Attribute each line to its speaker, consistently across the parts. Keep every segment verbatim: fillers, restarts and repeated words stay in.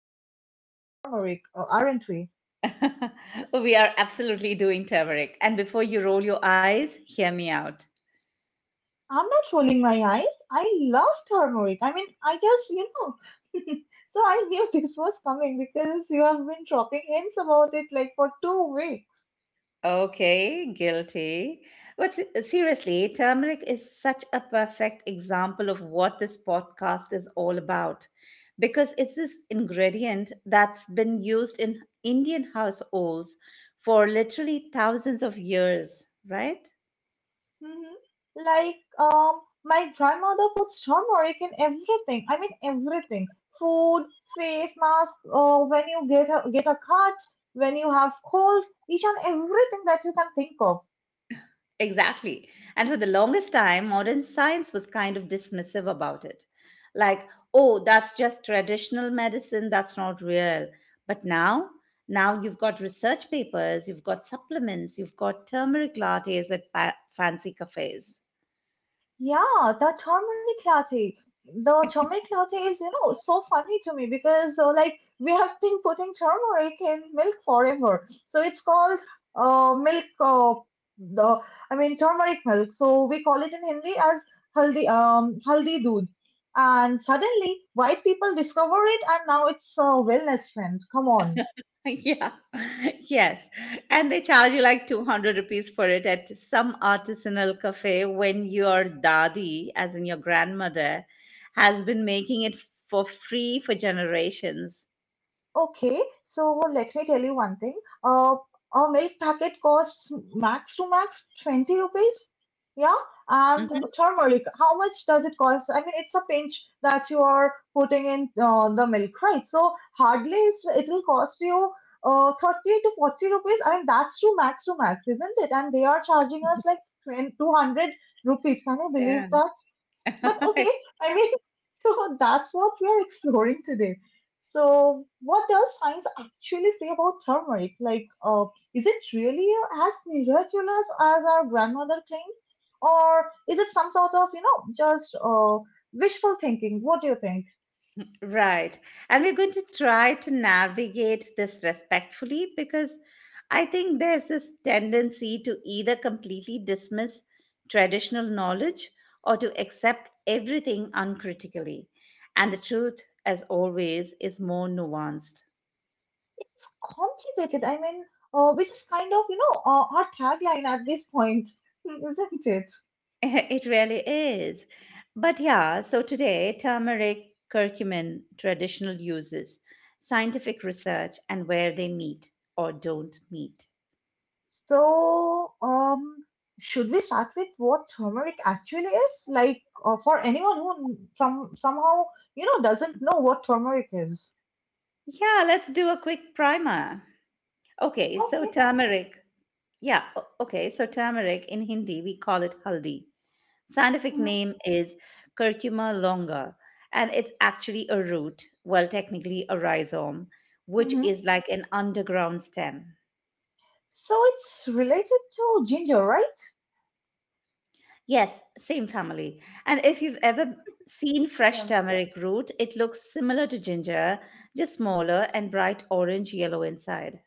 Speaker 1: are we doing turmeric? Or aren't we?
Speaker 2: We are absolutely doing turmeric. And before you roll your eyes, hear me out.
Speaker 1: I'm not rolling my eyes. I love turmeric. I mean, I just, you know. so I knew this was coming because you have been dropping hints about it like for two weeks.
Speaker 2: Okay, guilty. But se- seriously, turmeric is such a perfect example of what this podcast is all about because it's this ingredient that's been used in Indian households for literally thousands of years, right?
Speaker 1: Hmm. Like, um, my grandmother puts turmeric in everything. I mean, everything. Food, face mask, uh, when you get a, get a cut, when you have cold, each and everything that you can think of.
Speaker 2: Exactly. And for the longest time, modern science was kind of dismissive about it. Like, oh, that's just traditional medicine, that's not real. But now, now you've got research papers, you've got supplements, you've got turmeric lattes at pa- fancy cafes.
Speaker 1: Yeah, that harmonic latte. The turmeric latte is, you know, so funny to me because, uh, like, we have been putting turmeric in milk forever. So it's called uh, milk, uh, the, I mean, turmeric milk. So we call it in Hindi as haldi, um, haldi doodh. And suddenly, white people discover it, and now it's a wellness trend. Come on.
Speaker 2: Yeah. Yes. And they charge you like two hundred rupees for it at some artisanal cafe when your dadi, as in your grandmother, has been making it for free for generations.
Speaker 1: Okay, so let me tell you one thing. Uh, a milk packet costs max to max twenty rupees. Yeah, and
Speaker 2: Mhm.
Speaker 1: turmeric, how much does it cost? I mean, it's a pinch that you are putting in uh, the milk, right? So hardly is- it will cost you uh, thirty to forty rupees. I mean, that's to max to max, isn't it? And they are charging us like twenty, two hundred rupees. Can you believe
Speaker 2: And
Speaker 1: that? But okay, I mean, so that's what we are exploring today. So, what does science actually say about turmeric? Like, uh, is it really as miraculous as our grandmother claimed, or is it some sort of you know just uh, wishful thinking? What do you think?
Speaker 2: right. And we're going to try to navigate this respectfully because I think there's this tendency to either completely dismiss traditional knowledge or to accept everything uncritically. And the truth, as always, is more nuanced.
Speaker 1: It's complicated. I mean, uh, which is kind of you know uh, our tagline at this point, isn't it?
Speaker 2: It really is. But yeah, so today, turmeric, curcumin, traditional uses, scientific research, and where they meet or don't meet.
Speaker 1: So, um, should we start with what turmeric actually is? Like, uh, for anyone who some somehow you know doesn't know what turmeric is.
Speaker 2: Yeah, let's do a quick primer. Okay, so
Speaker 1: Okay.
Speaker 2: turmeric. Yeah, o- okay, so turmeric in Hindi, we call it haldi. Scientific
Speaker 1: Hmm.
Speaker 2: name is curcuma longa, and it's actually a root, well, technically a rhizome, which
Speaker 1: Hmm.
Speaker 2: is like an underground stem.
Speaker 1: So it's related to ginger, right?
Speaker 2: Yes, same family. And if you've ever seen fresh
Speaker 1: Yeah.
Speaker 2: turmeric root, it looks similar to ginger, just smaller and bright orange yellow inside.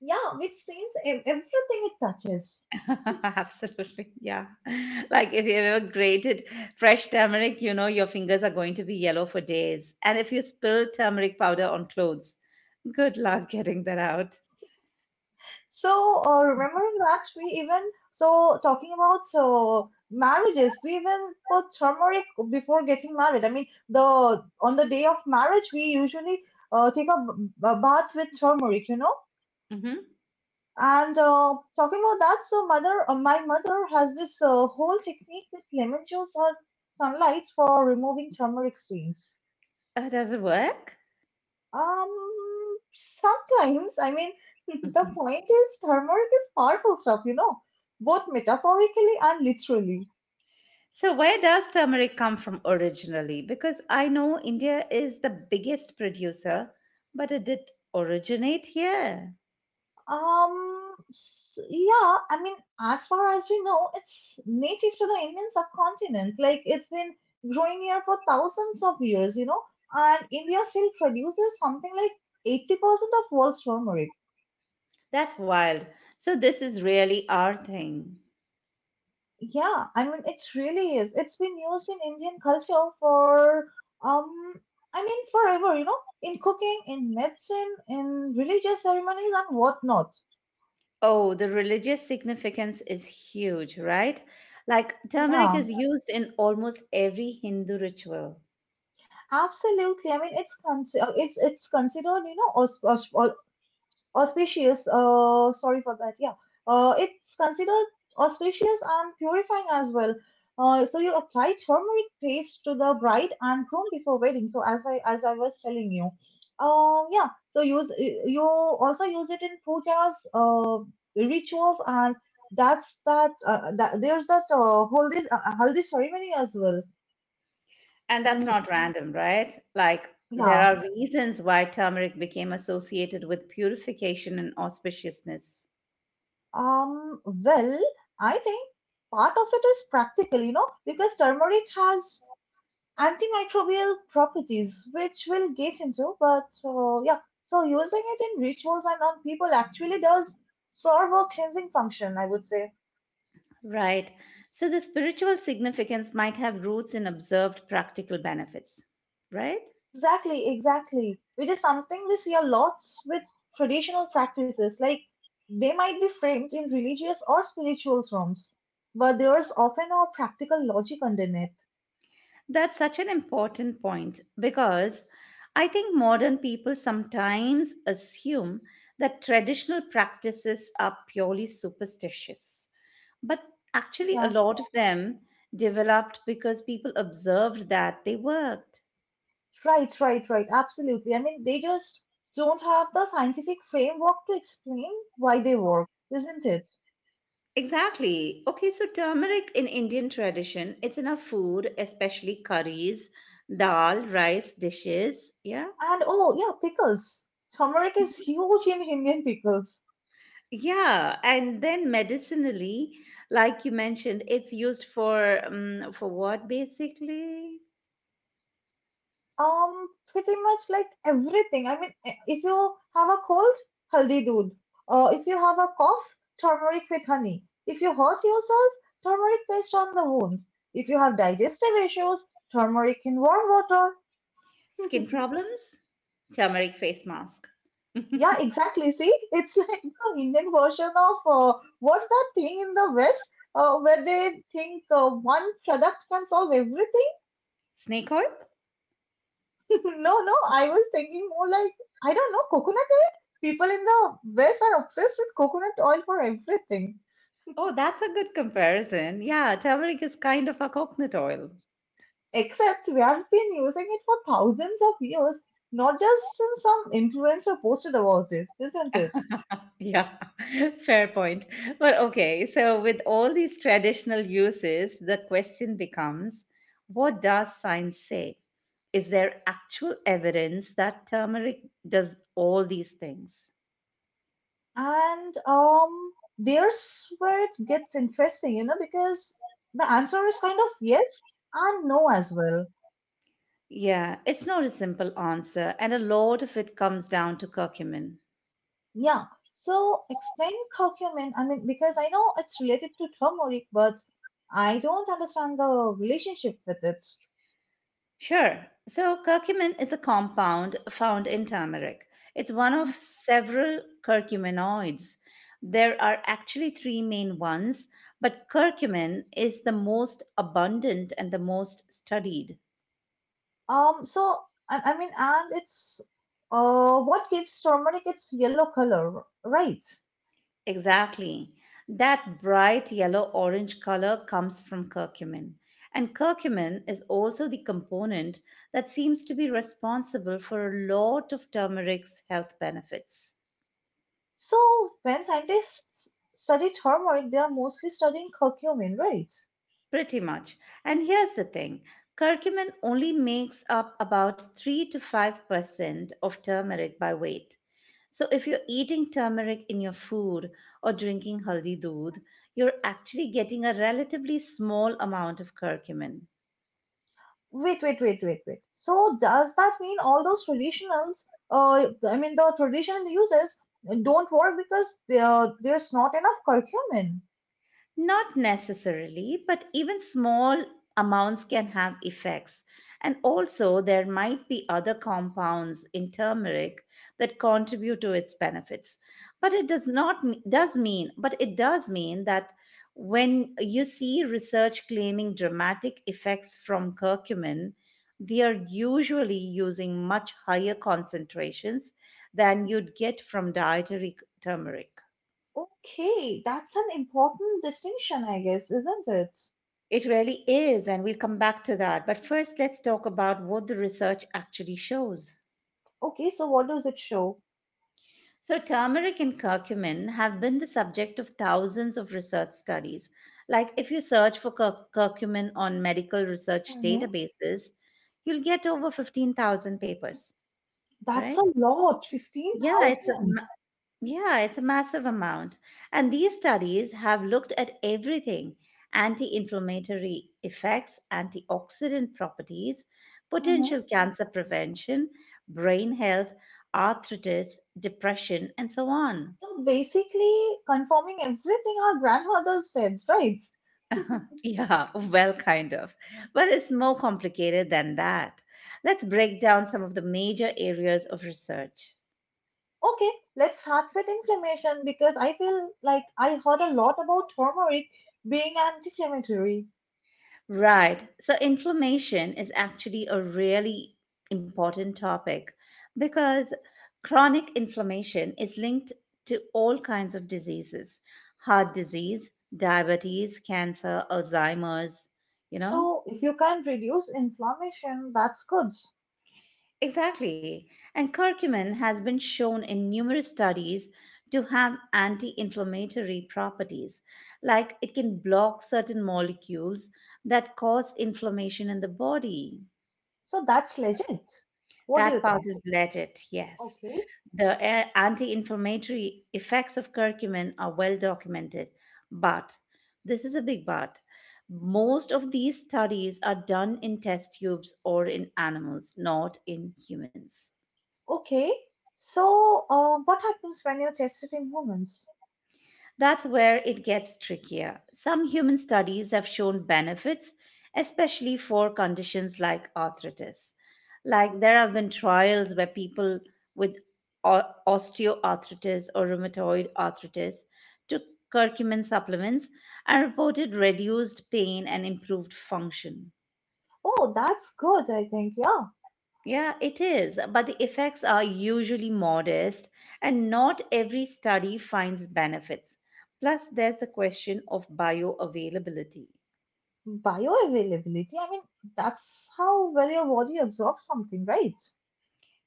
Speaker 1: Yeah, which seems everything it touches.
Speaker 2: Absolutely. Yeah. Like if you ever grated fresh turmeric, you know your fingers are going to be yellow for days. And if you spill turmeric powder on clothes, good luck getting that out.
Speaker 1: So, uh, remembering that, we even so talking about uh, marriages, we even put turmeric before getting married. I mean, the on the day of marriage, we usually uh, take a, b- a bath with turmeric, you know.
Speaker 2: Hmm.
Speaker 1: And uh, talking about that, so mother, uh, my mother has this uh, whole technique with lemon juice or sunlight for removing turmeric stains.
Speaker 2: Oh, does it work?
Speaker 1: Um, sometimes, I mean, the
Speaker 2: Hmm.
Speaker 1: point is, turmeric is powerful stuff, you know, both metaphorically and literally.
Speaker 2: So, where does turmeric come from originally? Because I know India is the biggest producer, but it did originate here.
Speaker 1: Um, s- yeah, I mean, as far as we know, it's native to the Indian subcontinent. Like, it's been growing here for thousands of years, you know, and India still produces something like eighty percent of world's turmeric.
Speaker 2: That's wild. So, this is really our thing.
Speaker 1: Yeah, I mean, it really is. It's been used in Indian culture for, um, I mean, forever, you know, in cooking, in medicine, in religious ceremonies and whatnot.
Speaker 2: Oh, the religious significance is huge, right? Like turmeric
Speaker 1: Yeah,
Speaker 2: is used in almost every Hindu ritual.
Speaker 1: absolutely. I mean, it's con- it's it's considered, you know, aus- aus- auspicious. Uh sorry for that. Yeah, uh it's considered auspicious and purifying as well. Uh so you apply turmeric paste to the bride and groom before wedding, so as i as i was telling you. Um yeah, so use you also use it in pujas, uh rituals, and that's that, uh, that there's that uh, haldi uh, haldi ceremony as well.
Speaker 2: And that's
Speaker 1: In
Speaker 2: not random, right? Like there
Speaker 1: Yeah.
Speaker 2: are reasons why turmeric became associated with purification and auspiciousness.
Speaker 1: Um well, I think part of it is practical, you know, because turmeric has antimicrobial properties, which we'll get into. But uh, yeah, so using it in rituals and on people actually does serve a cleansing function, I would say.
Speaker 2: Right. So the spiritual significance might have roots in observed practical benefits, right?
Speaker 1: Exactly, exactly. Which is something we see a lot with traditional practices. Like, they might be framed in religious or spiritual terms, but there's often a practical logic underneath.
Speaker 2: That's such an important point because I think modern people sometimes assume that traditional practices are purely superstitious. But actually, a
Speaker 1: Yeah,
Speaker 2: lot of them developed because people observed that they worked.
Speaker 1: right, right, right. Absolutely. I mean, they just don't have the scientific framework to explain why they work, isn't it?
Speaker 2: Exactly. Okay, so turmeric in Indian tradition, it's in our food, especially curries, dal, rice dishes. Yeah.
Speaker 1: And oh, yeah, pickles. Turmeric is huge in Indian pickles.
Speaker 2: Yeah, and then medicinally, like you mentioned, it's used for um, for what basically?
Speaker 1: Um, pretty much like everything. I mean, i- if you have a cold, haldi doodh. Uh, if you have a cough, turmeric with honey. If you hurt yourself, turmeric paste on the wound. If you have digestive issues, turmeric in warm water.
Speaker 2: Skin problems? Turmeric face mask.
Speaker 1: Yeah, exactly. See, it's like the Indian version of uh, what's that thing in the West uh, where they think uh, one product can solve everything.
Speaker 2: Snake oil?
Speaker 1: No, no, I was thinking more like, I don't know, coconut oil? People in the West are obsessed with coconut oil for everything.
Speaker 2: Oh, that's a good comparison. Yeah, turmeric is kind of a coconut oil.
Speaker 1: Except we have been using it for thousands of years, not just since some influencer posted about it, isn't it?
Speaker 2: Yeah, fair point. But okay, so with all these traditional uses, the question becomes, what does science say? Is there actual evidence that turmeric does all these things?
Speaker 1: And um, there's where it gets interesting, you know, because the answer is kind of yes and no as well.
Speaker 2: Yeah, it's not a simple answer, and a lot of it comes down to curcumin.
Speaker 1: Yeah. So explain curcumin. I mean, because I know it's related to turmeric, but I don't understand the relationship with it.
Speaker 2: Sure. So, curcumin is a compound found in turmeric. It's one of
Speaker 1: Mhm.
Speaker 2: several curcuminoids. There are actually three main ones, but curcumin is the most abundant and the most studied.
Speaker 1: Um. So I, I mean, and it's uh what gives turmeric its yellow color, right?
Speaker 2: Exactly. That bright yellow orange color comes from curcumin. And curcumin is also the component that seems to be responsible for a lot of turmeric's health benefits.
Speaker 1: So when scientists study turmeric, they are mostly studying curcumin, right?
Speaker 2: Pretty much. And here's the thing curcumin only makes up about three to five percent of turmeric by weight. So if you're eating turmeric in your food or drinking haldi doodh, you're actually getting a relatively small amount of curcumin.
Speaker 1: Wait, wait, wait, wait, wait. So does that mean all those traditionals, uh, I mean the traditional uses don't work because there there's not enough curcumin?
Speaker 2: Not necessarily, but even small amounts can have effects. And also, there might be other compounds in turmeric that contribute to its benefits. But it does not does mean, but it does mean that when you see research claiming dramatic effects from curcumin, they are usually using much higher concentrations than you'd get from dietary turmeric.
Speaker 1: Okay, that's an important distinction, I guess, isn't it?
Speaker 2: It really is, and we'll come back to that. But first, let's talk about what the research actually shows.
Speaker 1: Okay, so what does it show?
Speaker 2: So, turmeric and curcumin have been the subject of thousands of research studies. Like, if you search for cur- curcumin on medical research
Speaker 1: Hmm.
Speaker 2: databases, you'll get over fifteen thousand papers,
Speaker 1: That's a
Speaker 2: right?
Speaker 1: lot,
Speaker 2: Yeah, it's a
Speaker 1: fifteen thousand.
Speaker 2: Yeah, it's a massive amount. And these studies have looked at everything anti inflammatory effects, antioxidant properties,
Speaker 1: Hmm.
Speaker 2: potential cancer prevention, brain health, arthritis, depression, and so on.
Speaker 1: So basically confirming everything our grandmothers said, right?
Speaker 2: Yeah, well, kind of. But it's more complicated than that. Let's break down some of the major areas of research.
Speaker 1: Okay, let's start with inflammation because I feel like I heard a lot about turmeric being anti-inflammatory.
Speaker 2: Right. So, inflammation is actually a really important topic because chronic inflammation is linked to all kinds of diseases heart disease, diabetes, cancer, Alzheimer's, you know?
Speaker 1: So if you can reduce inflammation, that's good.
Speaker 2: Exactly. And curcumin has been shown in numerous studies to have anti inflammatory properties, like it can block certain molecules that cause inflammation in the body.
Speaker 1: So that's legit. What do you
Speaker 2: That part
Speaker 1: think?
Speaker 2: is legit, yes.
Speaker 1: Okay,
Speaker 2: The a- anti-inflammatory effects of curcumin are well documented, but this is a big but. Most of these studies are done in test tubes or in animals, not in humans.
Speaker 1: okay. So uh, what happens when you test it in humans?
Speaker 2: That's where it gets trickier. Some human studies have shown benefits, especially for conditions like arthritis. Like there have been trials where people with o- osteoarthritis or rheumatoid arthritis took curcumin supplements and reported reduced pain and improved function.
Speaker 1: Oh, that's good, I think. Yeah,
Speaker 2: Yeah, it is, but the effects are usually modest, and not every study finds benefits. Plus, there's the question of bioavailability.
Speaker 1: bioavailability. I mean, that's how well your body absorbs something, right?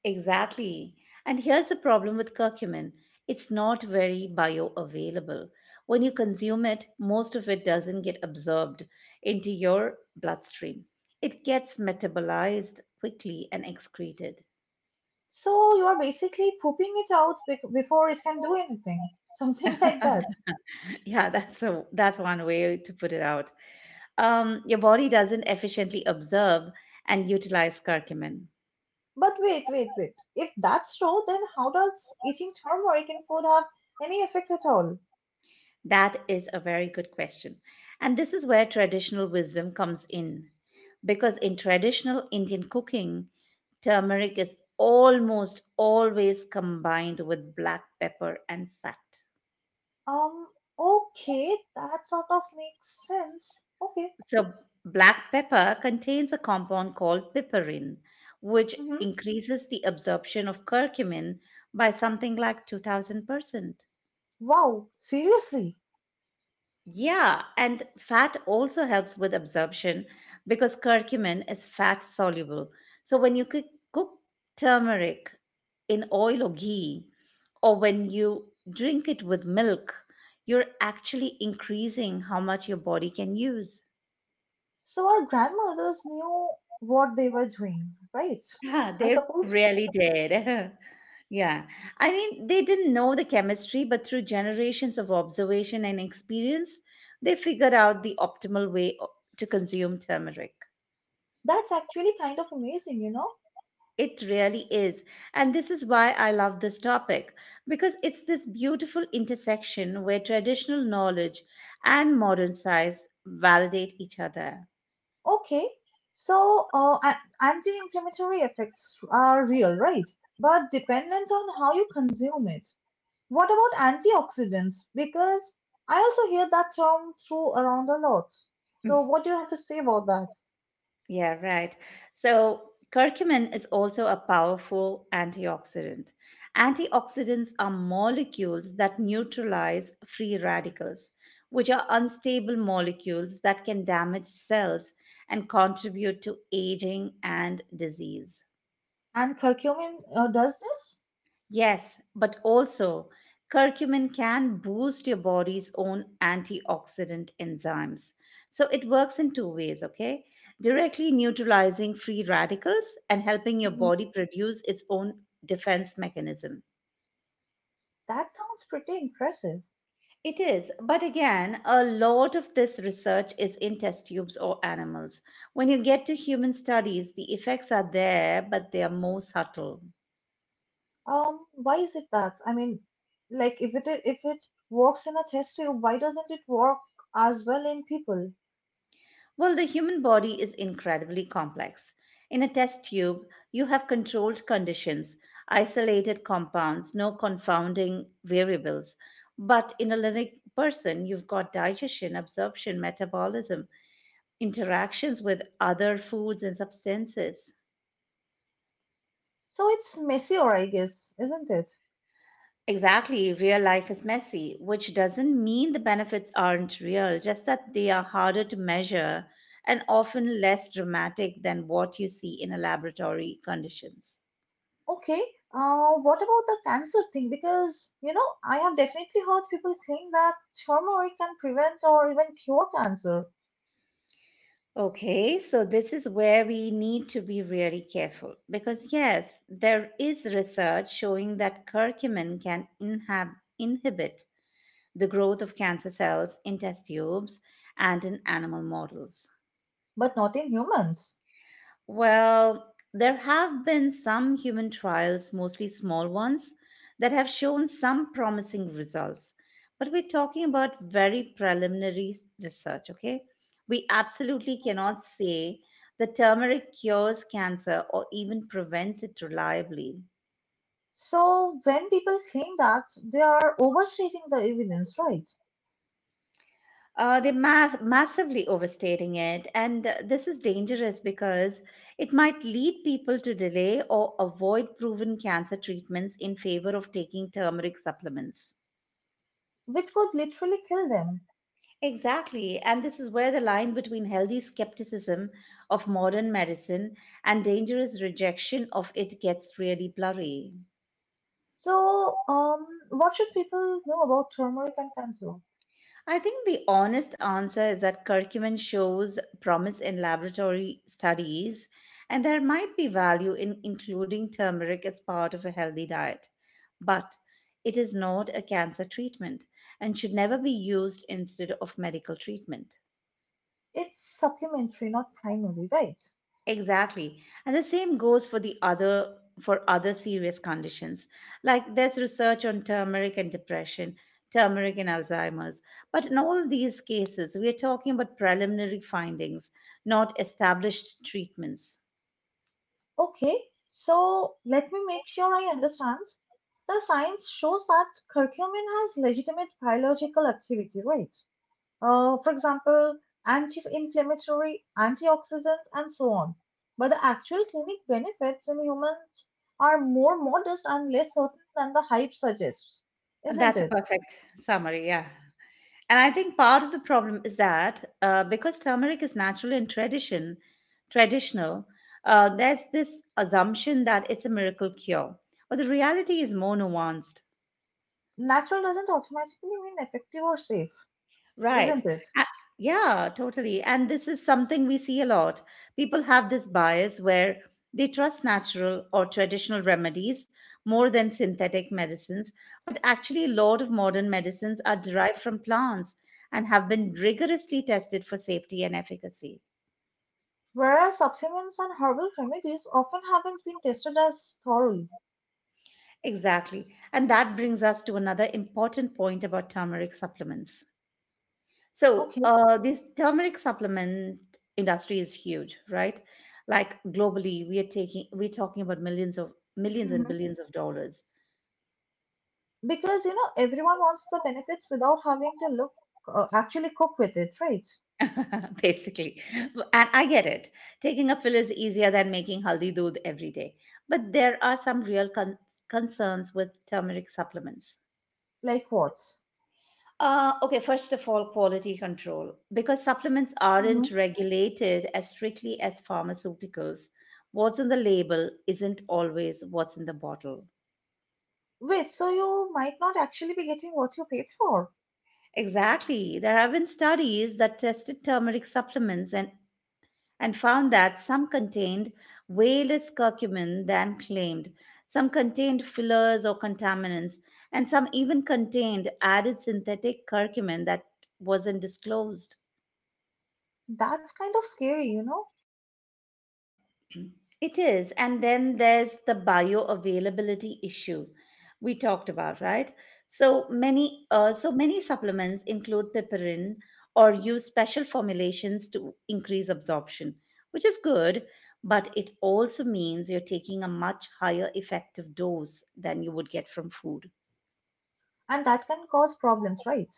Speaker 2: Exactly. And here's the problem with curcumin it's not very bioavailable. When you consume it, most of it doesn't get absorbed into your bloodstream, it gets metabolized quickly and excreted.
Speaker 1: So you are basically pooping it out bec- before it can do anything, something like that.
Speaker 2: Yeah, that's a, that's one way to put it out. Um, your body doesn't efficiently absorb and utilize curcumin.
Speaker 1: But wait, wait, wait. If that's true, then how does eating turmeric in food have any effect at all?
Speaker 2: That is a very good question. And this is where traditional wisdom comes in. Because in traditional Indian cooking, turmeric is almost always combined with black pepper and fat.
Speaker 1: Um, okay, that sort of makes sense. Okay.
Speaker 2: So, black pepper contains a compound called piperin, which
Speaker 1: Mm-hmm.
Speaker 2: increases the absorption of curcumin by something like two thousand percent.
Speaker 1: Wow, seriously?
Speaker 2: Yeah, and fat also helps with absorption because curcumin is fat soluble. So, when you cook, cook turmeric in oil or ghee, or when you drink it with milk, you're actually increasing how much your body can use.
Speaker 1: So our grandmothers knew what they were doing, right? I
Speaker 2: Yeah, they
Speaker 1: suppose
Speaker 2: really did. Yeah. I mean, they didn't know the chemistry, but through generations of observation and experience, they figured out the optimal way o- to consume turmeric.
Speaker 1: that's actually kind of amazing, you know?
Speaker 2: It really is. And this is why I love this topic, because it's this beautiful intersection where traditional knowledge and modern science validate each other.
Speaker 1: Okay, so uh, a- anti-inflammatory effects are real, right? But dependent on how you consume it. What about antioxidants? Because I also hear that term thrown around a lot. So what do you have to say about that?
Speaker 2: Yeah, right. So, curcumin is also a powerful antioxidant. Antioxidants are molecules that neutralize free radicals, which are unstable molecules that can damage cells and contribute to aging and disease.
Speaker 1: And curcumin uh, does this?
Speaker 2: Yes, but also curcumin can boost your body's own antioxidant enzymes. So it works in two ways, okay? Directly neutralizing free radicals and helping your
Speaker 1: Hmm.
Speaker 2: body produce its own defense mechanism.
Speaker 1: That sounds pretty impressive.
Speaker 2: It is, but again, a lot of this research is in test tubes or animals. When you get to human studies, the effects are there, but they are more subtle.
Speaker 1: Um, why is it that? I mean, like if it if it works in a test tube, why doesn't it work as well in people?
Speaker 2: Well, the human body is incredibly complex. In a test tube, you have controlled conditions, isolated compounds, no confounding variables. But in a living person, you've got digestion, absorption, metabolism, interactions with other foods and substances.
Speaker 1: So it's messier, I guess, isn't it?
Speaker 2: Exactly, real life is messy, which doesn't mean the benefits aren't real, just that they are harder to measure and often less dramatic than what you see in a laboratory conditions.
Speaker 1: Okay, uh, what about the cancer thing? Because, you know, I have definitely heard people think that turmeric can prevent or even cure cancer,
Speaker 2: Okay, so this is where we need to be really careful because, yes, there is research showing that curcumin can inhab- inhibit the growth of cancer cells in test tubes and in animal models.
Speaker 1: but not in humans.
Speaker 2: Well, there have been some human trials, mostly small ones, that have shown some promising results. But we're talking about very preliminary research, okay? We absolutely cannot say the turmeric cures cancer or even prevents it reliably.
Speaker 1: So when people think that, they are overstating the evidence, right?
Speaker 2: Uh, they're ma- massively overstating it, and uh, this is dangerous because it might lead people to delay or avoid proven cancer treatments in favor of taking turmeric supplements.
Speaker 1: Which could literally kill them.
Speaker 2: Exactly, and this is where the line between healthy skepticism of modern medicine and dangerous rejection of it gets really blurry.
Speaker 1: So, um, what should people know about turmeric and cancer?
Speaker 2: I think the honest answer is that curcumin shows promise in laboratory studies, and there might be value in including turmeric as part of a healthy diet. But it is not a cancer treatment and should never be used instead of medical treatment.
Speaker 1: It's supplementary, not primary, right?
Speaker 2: Exactly. And the same goes for the other for other serious conditions. Like there's research on turmeric and depression, turmeric and Alzheimer's. But in all these cases, we are talking about preliminary findings, not established treatments.
Speaker 1: Okay, so let me make sure I understand. The science shows that curcumin has legitimate biological activity, right? Uh, for example, anti-inflammatory, antioxidants, and so on. But the actual clinic benefits in humans are more modest and less certain than the hype suggests,
Speaker 2: And
Speaker 1: isn't
Speaker 2: that's a
Speaker 1: it?
Speaker 2: perfect summary, yeah. And I think part of the problem is that uh, because turmeric is natural and tradition, traditional, uh, there's this assumption that it's a miracle cure. But the reality is more nuanced.
Speaker 1: Natural doesn't automatically mean effective or safe,
Speaker 2: Right.
Speaker 1: isn't it?
Speaker 2: A- yeah, totally. And this is something we see a lot. People have this bias where they trust natural or traditional remedies more than synthetic medicines. But actually, a lot of modern medicines are derived from plants and have been rigorously tested for safety and efficacy.
Speaker 1: Whereas supplements and herbal remedies often haven't been tested as thoroughly.
Speaker 2: Exactly. And that brings us to another important point about turmeric supplements. So,
Speaker 1: Okay.
Speaker 2: uh, this turmeric supplement industry is huge, right? Like globally, we are taking we're talking about millions of millions and
Speaker 1: Mhm.
Speaker 2: billions of dollars,
Speaker 1: Because you know everyone wants the benefits without having to look uh, actually cook with it, right?
Speaker 2: basically. And I get it. Taking a pill is easier than making haldi doodh every day, but there are some real con- concerns with turmeric supplements.
Speaker 1: Like what?
Speaker 2: Uh, okay, first of all, quality control. Because supplements aren't
Speaker 1: Hmm.
Speaker 2: regulated as strictly as pharmaceuticals, what's on the label isn't always what's in the bottle.
Speaker 1: Wait, so you might not actually be getting what you paid for.
Speaker 2: Exactly. There have been studies that tested turmeric supplements and, and found that some contained way less curcumin than claimed, some contained fillers or contaminants, and some even contained added synthetic curcumin that wasn't disclosed.
Speaker 1: That's kind of scary, you know,
Speaker 2: It is. And then there's the bioavailability issue we talked about, right? So many uh, so many supplements include piperin or use special formulations to increase absorption, which is good, but it also means you're taking a much higher effective dose than you would get from food.
Speaker 1: and that can cause problems, right?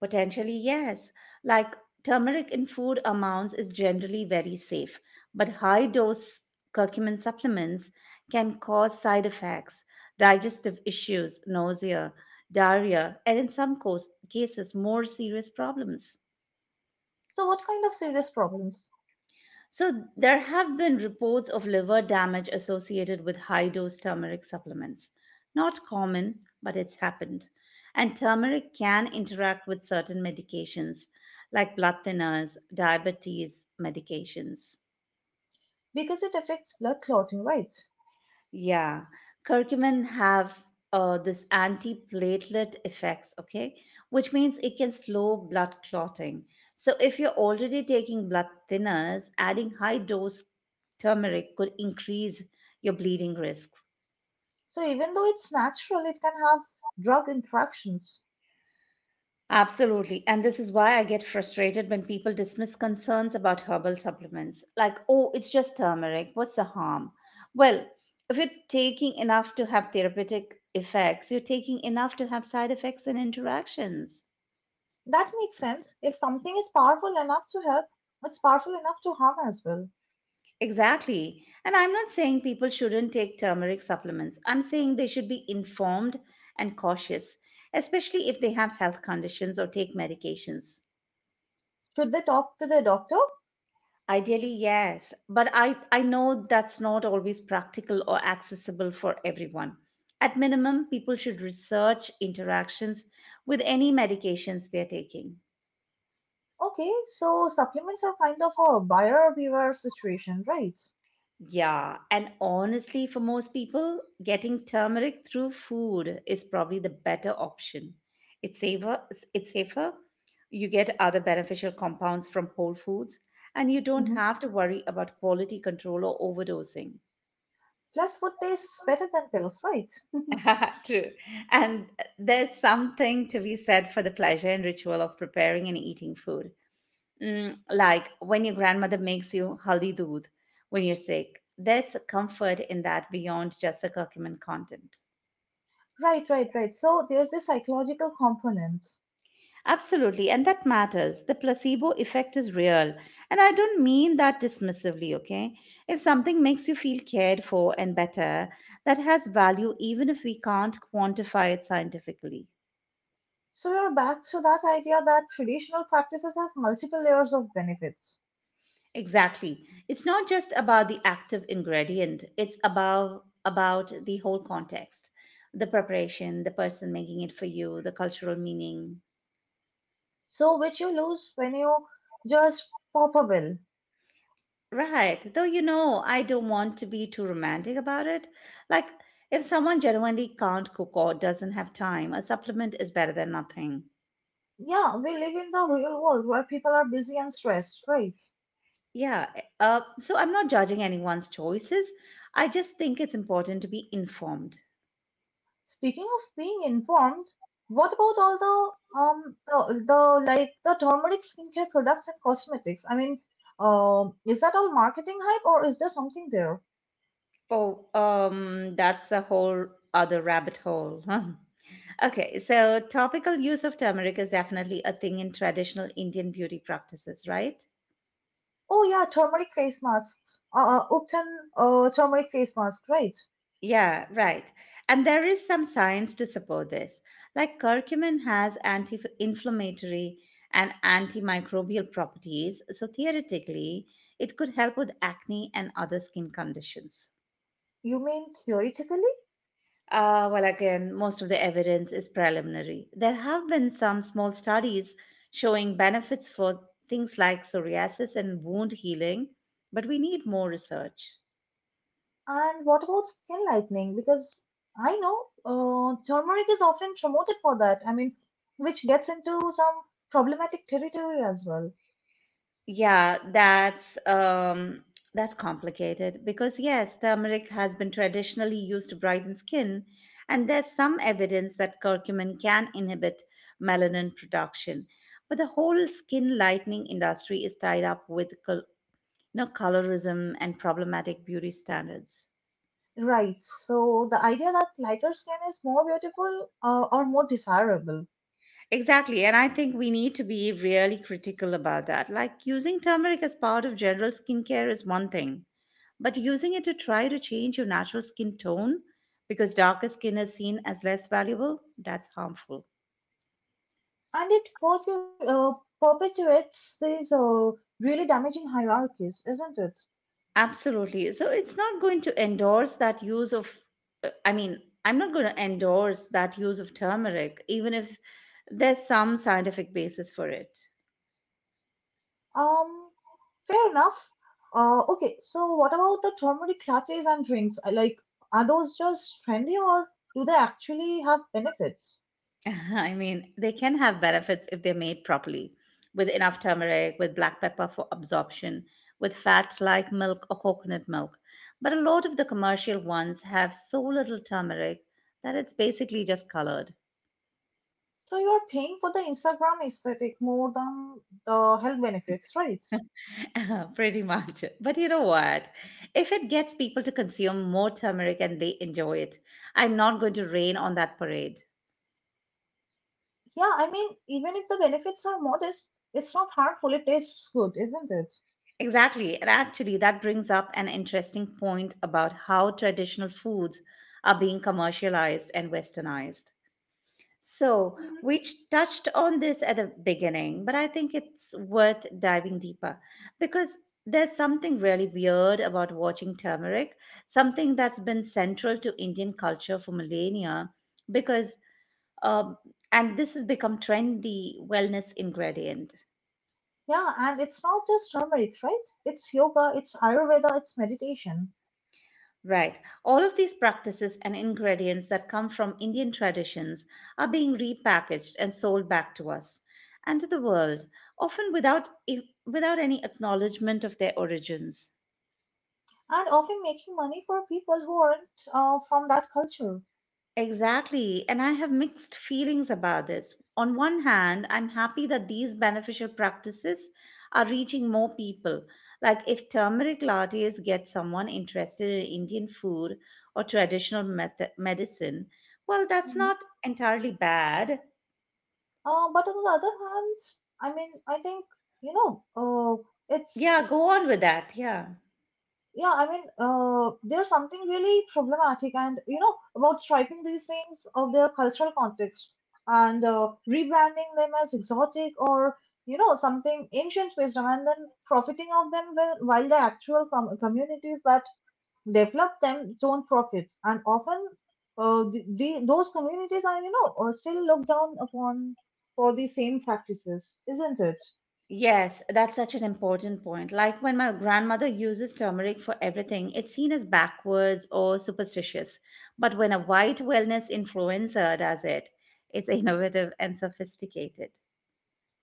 Speaker 2: Potentially, yes. Like turmeric in food amounts is generally very safe, but high dose curcumin supplements can cause side effects, digestive issues, nausea, diarrhea, and in some cos- cases, more serious problems.
Speaker 1: So what kind of serious problems?
Speaker 2: So, there have been reports of liver damage associated with high dose turmeric supplements. Not common, but it's happened. And turmeric can interact with certain medications like blood thinners, diabetes medications.
Speaker 1: Because it affects blood clotting, right?
Speaker 2: Yeah, curcumin have uh, this antiplatelet effects, okay, which means it can slow blood clotting. So if you're already taking blood thinners, adding high dose turmeric could increase your bleeding risks.
Speaker 1: So even though it's natural, it can have drug interactions.
Speaker 2: Absolutely. And this is why I get frustrated when people dismiss concerns about herbal supplements. Like, oh, it's just turmeric. What's the harm? Well, if you're taking enough to have therapeutic effects, you're taking enough to have side effects and interactions.
Speaker 1: That makes sense. If something is powerful enough to help, it's powerful enough to harm as well.
Speaker 2: Exactly. And I'm not saying people shouldn't take turmeric supplements. I'm saying they should be informed and cautious, especially if they have health conditions or take medications.
Speaker 1: Should they talk to the doctor?
Speaker 2: Ideally, yes, but I, I know that's not always practical or accessible for everyone. At minimum, people should research interactions with any medications they're taking.
Speaker 1: Okay, so supplements are kind of a buyer beware situation, right?
Speaker 2: Yeah, and honestly, for most people, getting turmeric through food is probably the better option. It's safer, it's safer. You get other beneficial compounds from whole foods, and you don't
Speaker 1: Hmm.
Speaker 2: have to worry about quality control or overdosing.
Speaker 1: Plus, food tastes better than pills, right?
Speaker 2: True. And uh, there's something to be said for the pleasure and ritual of preparing and eating food. Mm, like when your grandmother makes you haldi doodh when you're sick. There's comfort in that beyond just the curcumin content.
Speaker 1: Right, right, right. So there's this psychological component.
Speaker 2: Absolutely, and that matters. The placebo effect is real. And I don't mean that dismissively, okay? If something makes you feel cared for and better, that has value even if we can't quantify it scientifically.
Speaker 1: So you're back to that idea that traditional practices have multiple layers of benefits.
Speaker 2: Exactly. It's not just about the active ingredient, it's about about the whole context. The preparation, the person making it for you, the cultural meaning.
Speaker 1: So which you lose when you just pop a pill.
Speaker 2: Right. Though you know, I don't want to be too romantic about it. Like if someone genuinely can't cook or doesn't have time, a supplement is better than nothing.
Speaker 1: Yeah, we live in the real world where people are busy and stressed, right?
Speaker 2: Yeah, eh, uh, so I'm not judging anyone's choices. I just think it's important to be informed.
Speaker 1: Speaking of being informed, what about all the um the, the like the turmeric skincare products and cosmetics? I mean, um, is that all marketing hype or is there something there?
Speaker 2: Oh, um, that's a whole other rabbit hole. Huh? Okay, so topical use of turmeric is definitely a thing in traditional Indian beauty practices, right?
Speaker 1: Oh yeah, turmeric face masks. Uh, Upton uh turmeric face mask, right?
Speaker 2: Yeah, right. And there is some science to support this. Like curcumin has anti inflammatory and antimicrobial properties, so theoretically, it could help with acne and other skin conditions.
Speaker 1: You mean theoretically?
Speaker 2: Uh, well, again, most of the evidence is preliminary. There have been some small studies showing benefits for things like psoriasis and wound healing, but we need more research.
Speaker 1: And what about skin lightening? Because I know uh turmeric is often promoted for that. I mean, which gets into some problematic territory as well.
Speaker 2: Yeah, that's um that's complicated because yes, turmeric has been traditionally used to brighten skin, and there's some evidence that curcumin can inhibit melanin production. But the whole skin lightening industry is tied up with col- you know, colorism and problematic beauty standards.
Speaker 1: Right. So the idea that lighter skin is more beautiful uh, or more desirable,
Speaker 2: Exactly. And I think we need to be really critical about that. Like using turmeric as part of general skincare is one thing, but using it to try to change your natural skin tone because darker skin is seen as less valuable, that's harmful.
Speaker 1: and it perpe- uh, perpetuates these uh, really damaging hierarchies, isn't it?
Speaker 2: Absolutely. So it's not going to endorse that use of, uh, I mean, I'm not going to endorse that use of turmeric, even if there's some scientific basis for it.
Speaker 1: Um, fair enough. Uh, okay. So what about the turmeric lattes and drinks? Uh, Like, are those just trendy or do they actually have benefits?
Speaker 2: I mean, they can have benefits if they're made properly, with enough turmeric, with black pepper for absorption, with fats like milk or coconut milk. But a lot of the commercial ones have so little turmeric that it's basically just colored.
Speaker 1: So you're paying for the Instagram aesthetic more than the health benefits, right?
Speaker 2: Pretty much. But you know what? If it gets people to consume more turmeric and they enjoy it, I'm not going to rain on that parade.
Speaker 1: Yeah, I mean, even if the benefits are modest, it's not harmful. It tastes good, isn't it?
Speaker 2: Exactly. And actually, that brings up an interesting point about how traditional foods are being commercialized and westernized. So,
Speaker 1: Mhm.
Speaker 2: we ch- touched on this at the beginning, but I think it's worth diving deeper because there's something really weird about watching turmeric, something that's been central to Indian culture for millennia because um, and this has become trendy wellness ingredient.
Speaker 1: Yeah, and it's not just turmeric, right? It's yoga, it's Ayurveda, it's meditation,
Speaker 2: Right. All of these practices and ingredients that come from Indian traditions are being repackaged and sold back to us and to the world, often without, e, without any acknowledgement of their origins.
Speaker 1: and often making money for people who aren't uh, from that culture.
Speaker 2: Exactly, and I have mixed feelings about this. On one hand, I'm happy that these beneficial practices are reaching more people. Like if turmeric lattes get someone interested in Indian food or traditional meth- medicine, well, that's
Speaker 1: Mhm.
Speaker 2: not entirely bad.
Speaker 1: Uh, but on the other hand, I mean, I think, you know, uh,
Speaker 2: Yeah,
Speaker 1: it's
Speaker 2: go on with that. Yeah.
Speaker 1: Yeah, I mean, uh, there's something really problematic and, you know, about stripping these things of their cultural context and uh, rebranding them as exotic, or you know, something ancient wisdom, and then profiting of them whe- while the actual com- communities that develop them don't profit. And often uh, the, the, those communities are, you know, uh, still looked down upon for the same practices, isn't it?
Speaker 2: Yes, that's such an important point. Like when my grandmother uses turmeric for everything, it's seen as backwards or superstitious. But when a white wellness influencer does it, it's innovative and sophisticated.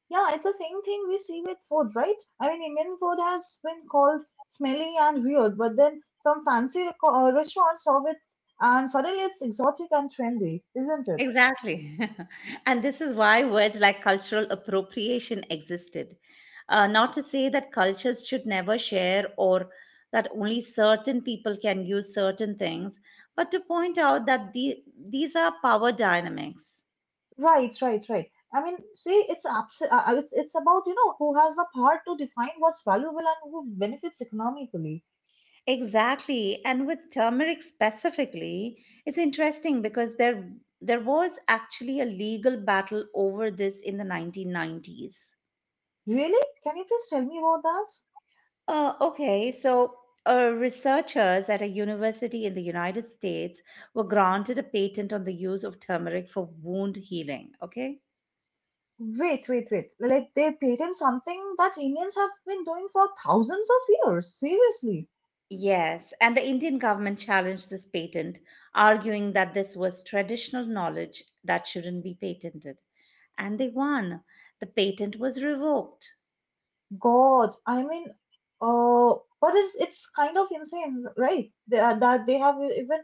Speaker 1: Yeah, it's the same thing we see with food, right? I mean, Indian food has been called smelly and weird, but then some fancy reco- uh, restaurants serve it, and suddenly it's exotic and trendy, isn't it?
Speaker 2: Exactly. And this is why words like cultural appropriation existed. Uh, not to say that cultures should never share or that only certain people can use certain things, but to point out that the, these are power dynamics.
Speaker 1: Right, right, right. I mean, see, it's abs- uh, uh, it's it's about, you know, who has the power to define what's valuable and who benefits economically.
Speaker 2: Exactly. And with turmeric specifically, it's interesting because there there was actually a legal battle over this in the nineteen nineties.
Speaker 1: Really? Can you please tell me about that?
Speaker 2: Uh, okay, so uh, Researchers at a university in the United States were granted a patent on the use of turmeric for wound healing. Okay.
Speaker 1: Wait, wait, wait. Like they patent something that Indians have been doing for thousands of years. Seriously.
Speaker 2: Yes, and the Indian government challenged this patent, arguing that this was traditional knowledge that shouldn't be patented. And they won. The patent was revoked.
Speaker 1: God, I mean, uh, but it's it's kind of insane, right? They are, that they have even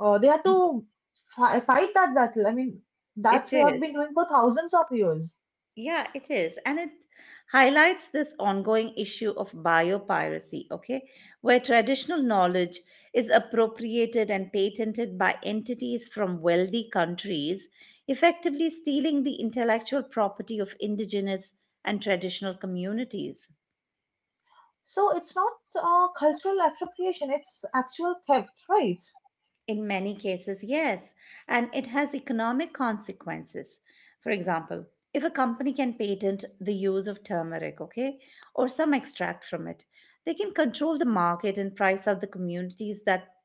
Speaker 1: uh, they had to fi- fight that battle. I mean, that
Speaker 2: It
Speaker 1: we have
Speaker 2: is.
Speaker 1: been doing for thousands of years.
Speaker 2: Yeah, it is. And it highlights this ongoing issue of biopiracy, okay, where traditional knowledge is appropriated and patented by entities from wealthy countries, effectively stealing the intellectual property of indigenous and traditional communities.
Speaker 1: So it's not uh, cultural appropriation; it's actual theft, right?
Speaker 2: In many cases, yes, and it has economic consequences. For example, if a company can patent the use of turmeric, okay, or some extract from it, they can control the market and price out the communities that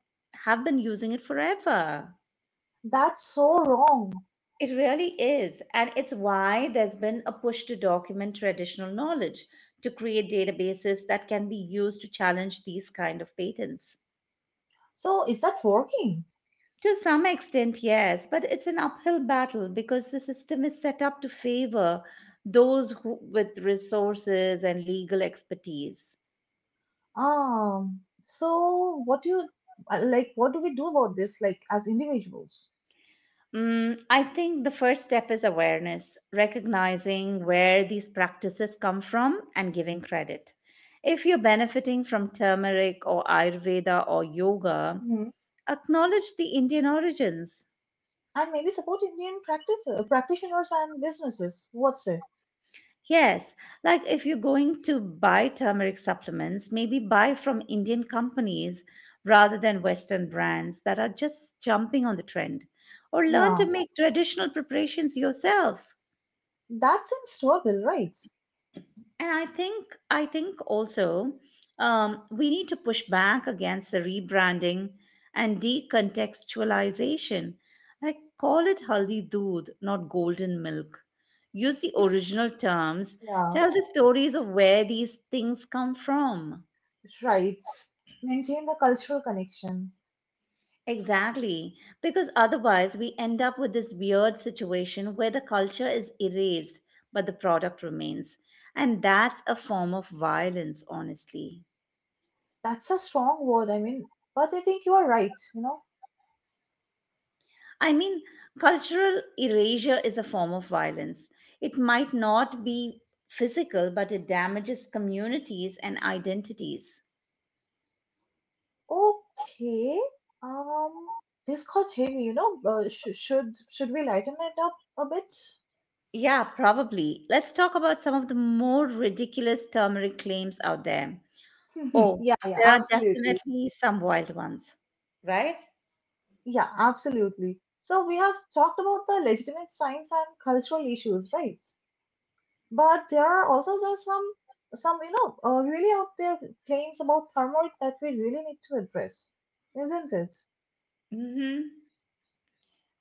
Speaker 2: have been using it forever.
Speaker 1: That's so wrong.
Speaker 2: It really is, and it's why there's been a push to document traditional knowledge, to create databases that can be used to challenge these kind of patents.
Speaker 1: So is that working?
Speaker 2: To some extent, yes, but it's an uphill battle because the system is set up to favor those who, with resources and legal expertise.
Speaker 1: Um. So what do you uh, like? What do we do about this, like as individuals?
Speaker 2: Mm, I think the first step is awareness, recognizing where these practices come from and giving credit. If you're benefiting from turmeric or Ayurveda or yoga, acknowledge the Indian origins.
Speaker 1: And maybe support Indian practice, uh, practitioners and businesses. What's it?
Speaker 2: Yes, like if you're going to buy turmeric supplements, maybe buy from Indian companies rather than Western brands that are just jumping on the trend. Or learn to
Speaker 1: Yeah,
Speaker 2: make traditional preparations yourself.
Speaker 1: that seems doable, right?
Speaker 2: And I think I think also um, we need to push back against the rebranding and decontextualization. Like call it haldi doodh, not golden milk. Use the original terms.
Speaker 1: Yeah,
Speaker 2: Tell the stories of where these things come from.
Speaker 1: right. Maintain the cultural connection.
Speaker 2: Exactly, because otherwise we end up with this weird situation where the culture is erased, but the product remains. And that's a form of violence, honestly.
Speaker 1: That's a strong word, I mean, but I think you are right, you know.
Speaker 2: I mean, cultural erasure is a form of violence. It might not be physical, but it damages communities and identities.
Speaker 1: Okay, um, this got heavy, you know. Uh, sh- should should we lighten it up a bit?
Speaker 2: Yeah, probably. Let's talk about some of the more ridiculous turmeric claims out there. Oh,
Speaker 1: Yeah, yeah,
Speaker 2: there are
Speaker 1: absolutely.
Speaker 2: definitely some wild ones, right?
Speaker 1: Yeah, absolutely. So we have talked about the legitimate science and cultural issues, right? But there are also just some some you know, uh, really out there claims about thermoid that we really need to address, isn't it?
Speaker 2: Mm-hmm.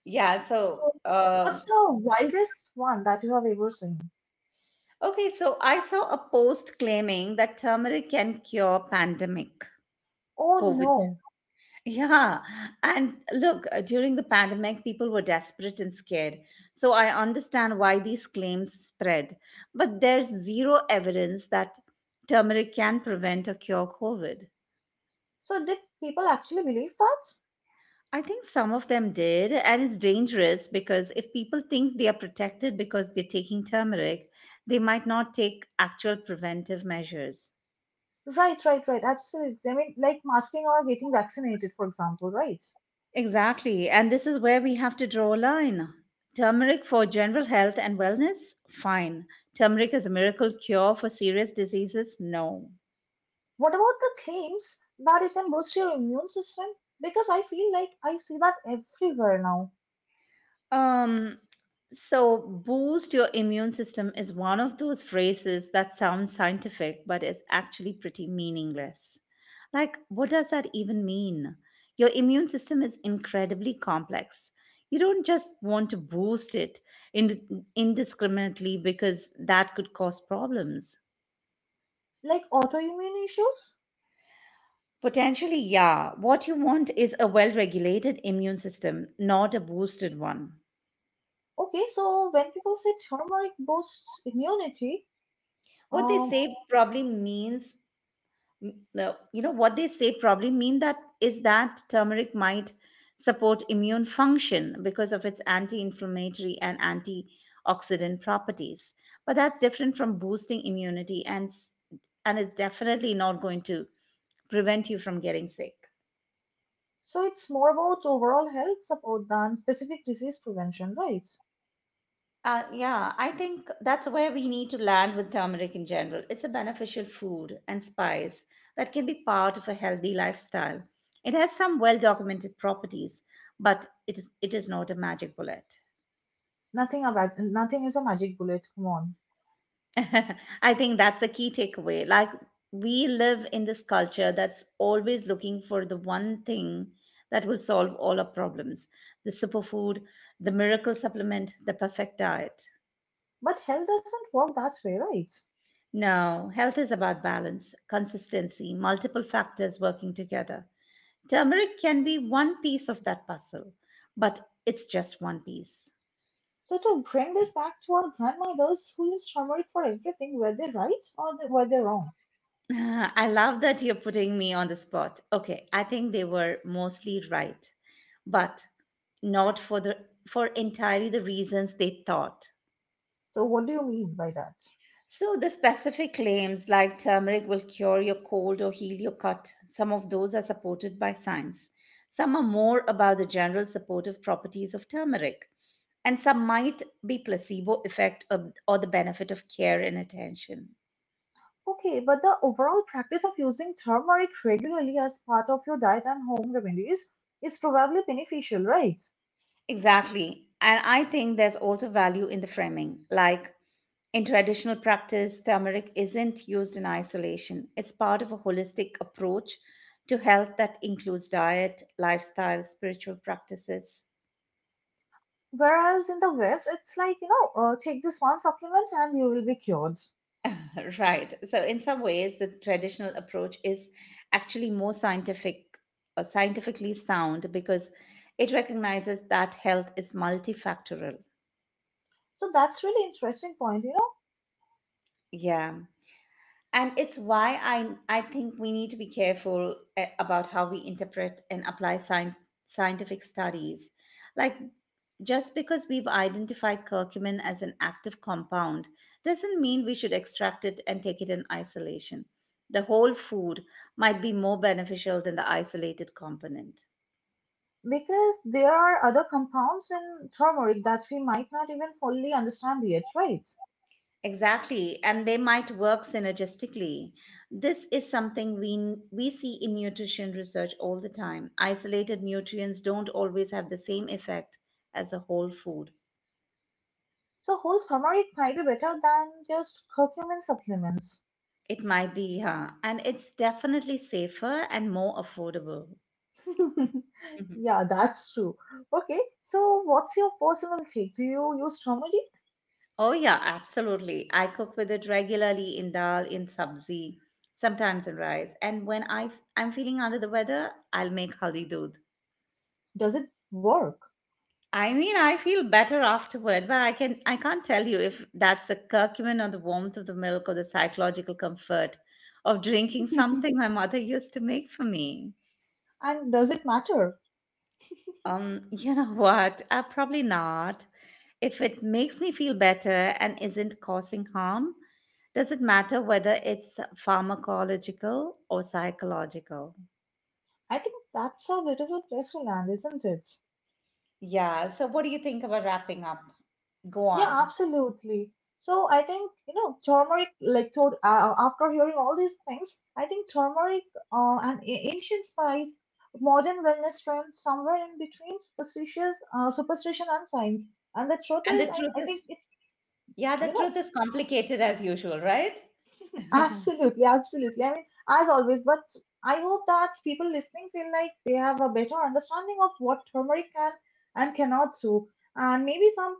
Speaker 2: Yeah, so,
Speaker 1: So, what's
Speaker 2: um,
Speaker 1: the wildest one that you have ever seen?
Speaker 2: okay, so I saw a post claiming that turmeric can cure pandemic
Speaker 1: Oh
Speaker 2: COVID.
Speaker 1: no!
Speaker 2: Yeah. And look, uh, during the pandemic, people were desperate and scared. So I understand why these claims spread. But there's zero evidence that turmeric can prevent or cure COVID.
Speaker 1: So did people actually believe that?
Speaker 2: I think some of them did, and it's dangerous because if people think they are protected because they're taking turmeric, they might not take actual preventive measures.
Speaker 1: Right, right, right. Absolutely. I mean, like masking or getting vaccinated, for example, right?
Speaker 2: Exactly. And this is where we have to draw a line. Turmeric for general health and wellness? Fine. Turmeric is a miracle cure for serious diseases? No.
Speaker 1: What about the claims that it can boost your immune system? Because I feel like I see that everywhere now,
Speaker 2: Um, so boost your immune system is one of those phrases that sounds scientific but is actually pretty meaningless. Like, what does that even mean? Your immune system is incredibly complex. You don't just want to boost it ind- indiscriminately because that could cause problems.
Speaker 1: like autoimmune issues.
Speaker 2: Potentially, yeah. What you want is a well regulated immune system, not a boosted one.
Speaker 1: Okay, so when people say turmeric boosts immunity,
Speaker 2: What they
Speaker 1: um,
Speaker 2: say probably means. M- no, you know what they say probably mean that is that turmeric might support immune function because of its anti-inflammatory and antioxidant properties, but that's different from boosting immunity and s- and it's definitely not going to prevent you from getting sick.
Speaker 1: so it's more about overall health support than specific disease prevention, right?
Speaker 2: Uh, yeah, I think that's where we need to land with turmeric in general. It's a beneficial food and spice that can be part of a healthy lifestyle. It has some well documented properties, but it is, it is not a magic bullet.
Speaker 1: Nothing about nothing is a magic bullet, come on.
Speaker 2: I think that's the key takeaway. Like, we live in this culture that's always looking for the one thing that will solve all our problems, the superfood, the miracle supplement, the perfect diet.
Speaker 1: But health doesn't work that way, right?
Speaker 2: No, health is about balance, consistency, multiple factors working together. Turmeric can be one piece of that puzzle, but it's just one piece.
Speaker 1: So to bring this back to our grandmothers who use turmeric for everything, were they right or they, were they wrong?
Speaker 2: I love that you're putting me on the spot. Okay, I think they were mostly right, but not for the, for entirely the reasons they thought.
Speaker 1: So what do you mean by that?
Speaker 2: So, the specific claims like turmeric will cure your cold or heal your cut, some of those are supported by science. Some are more about the general supportive properties of turmeric, and some might be placebo effect or, or the benefit of care and attention.
Speaker 1: Okay, but the overall practice of using turmeric regularly as part of your diet and home remedies is probably beneficial, right?
Speaker 2: Exactly. And I think there's also value in the framing, like, in traditional practice, turmeric isn't used in isolation. It's part of a holistic approach to health that includes diet, lifestyle, spiritual practices.
Speaker 1: Whereas in the West, it's like, you know, uh, take this one supplement and you will be cured.
Speaker 2: Right. So, in some ways, the traditional approach is actually more scientific, uh, scientifically sound because it recognizes that health is multifactorial.
Speaker 1: So that's really interesting point, you
Speaker 2: Yeah. And it's why i i think we need to be careful uh, about how we interpret and apply sci- scientific studies, like, just because we've identified curcumin as an active compound doesn't mean we should extract it and take it in isolation. The whole food might be more beneficial than the isolated component.
Speaker 1: know, because there are other compounds in turmeric that we might not even fully understand yet, right?
Speaker 2: Exactly, and they might work synergistically. This is something we we see in nutrition research all the time. Isolated nutrients don't always have the same effect as a whole food.
Speaker 1: So whole turmeric might be better than just curcumin supplements.
Speaker 2: It might be, yeah, and it's definitely safer and more affordable. Mhm.
Speaker 1: Yeah, that's true. Okay, so what's your personal take? Do you use turmeric?
Speaker 2: Oh yeah, absolutely. I cook with it regularly in dal, in sabzi, sometimes in rice. And when I f- I'm feeling under the weather, I'll make haldi doodh.
Speaker 1: Does it work?
Speaker 2: I mean, I feel better afterward, but I can I can't tell you if that's the curcumin or the warmth of the milk or the psychological comfort of drinking something my mother used to make for me.
Speaker 1: And does it matter?
Speaker 2: Um, you know what? Uh, probably not. If it makes me feel better and isn't causing harm, does it matter whether it's pharmacological or psychological?
Speaker 1: I think that's a bit of a place to land, isn't it?
Speaker 2: Yeah. So, what do you think about wrapping up? Go
Speaker 1: Yeah,
Speaker 2: on.
Speaker 1: absolutely. So I think, you know, turmeric, like, to, uh, after hearing all these things, I think turmeric, uh, an a- ancient spice, modern wellness trend, somewhere in between superstitious, uh, superstition and science. And the truth
Speaker 2: And the
Speaker 1: is, I,
Speaker 2: truth
Speaker 1: I think
Speaker 2: is,
Speaker 1: it's,
Speaker 2: yeah, the
Speaker 1: you
Speaker 2: truth
Speaker 1: know,
Speaker 2: is complicated as usual, right?
Speaker 1: absolutely, absolutely. I mean, as always, but I hope that people listening feel like they have a better understanding of what turmeric can and cannot do. And maybe some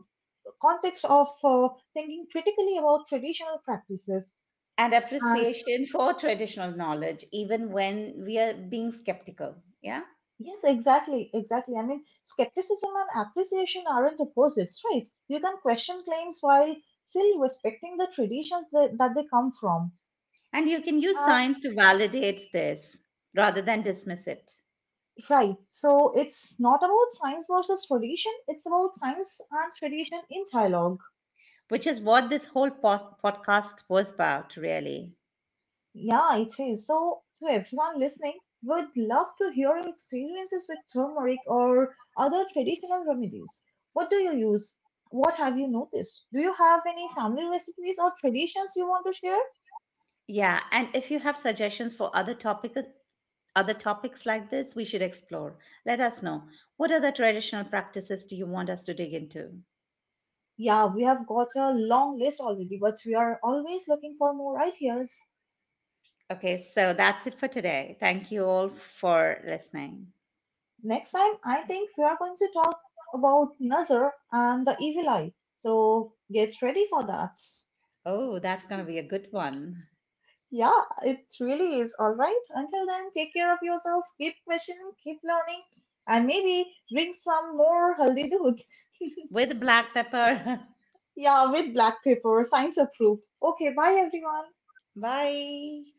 Speaker 1: context of uh, thinking critically about traditional practices.
Speaker 2: And
Speaker 1: And
Speaker 2: appreciation for traditional knowledge, even when we are being skeptical. Yeah.
Speaker 1: yes, exactly, exactly. I mean, skepticism and appreciation aren't opposites, right? You can question claims while still respecting the traditions that, that they come from.
Speaker 2: And you can use
Speaker 1: And
Speaker 2: science to validate this rather than dismiss it,
Speaker 1: right, so it's not about science versus tradition, it's about science and tradition in dialogue.
Speaker 2: which is what this whole pod- podcast was about, really.
Speaker 1: Yeah, it is. So, to everyone listening, would love to hear your experiences with turmeric or other traditional remedies. What do you use? What have you noticed? Do you have any family recipes or traditions you want to share?
Speaker 2: Yeah. And if you have suggestions for other topics, other topics like this we should explore. Let us know. What other traditional practices do you want us to dig into?
Speaker 1: Yeah, we have got a long list already, but we are always looking for more ideas.
Speaker 2: Okay, so that's it for today. Thank you all for listening.
Speaker 1: Next time, I think we are going to talk about Nazar and the evil eye. So, get ready for that.
Speaker 2: Oh, that's going to be a good one.
Speaker 1: Yeah, it really is. All right. Until then, take care of yourselves, keep questioning, keep learning, and maybe drink some more haldi doodh.
Speaker 2: With black pepper.
Speaker 1: Yeah, with black pepper, science approved. Okay, bye everyone.
Speaker 2: Bye.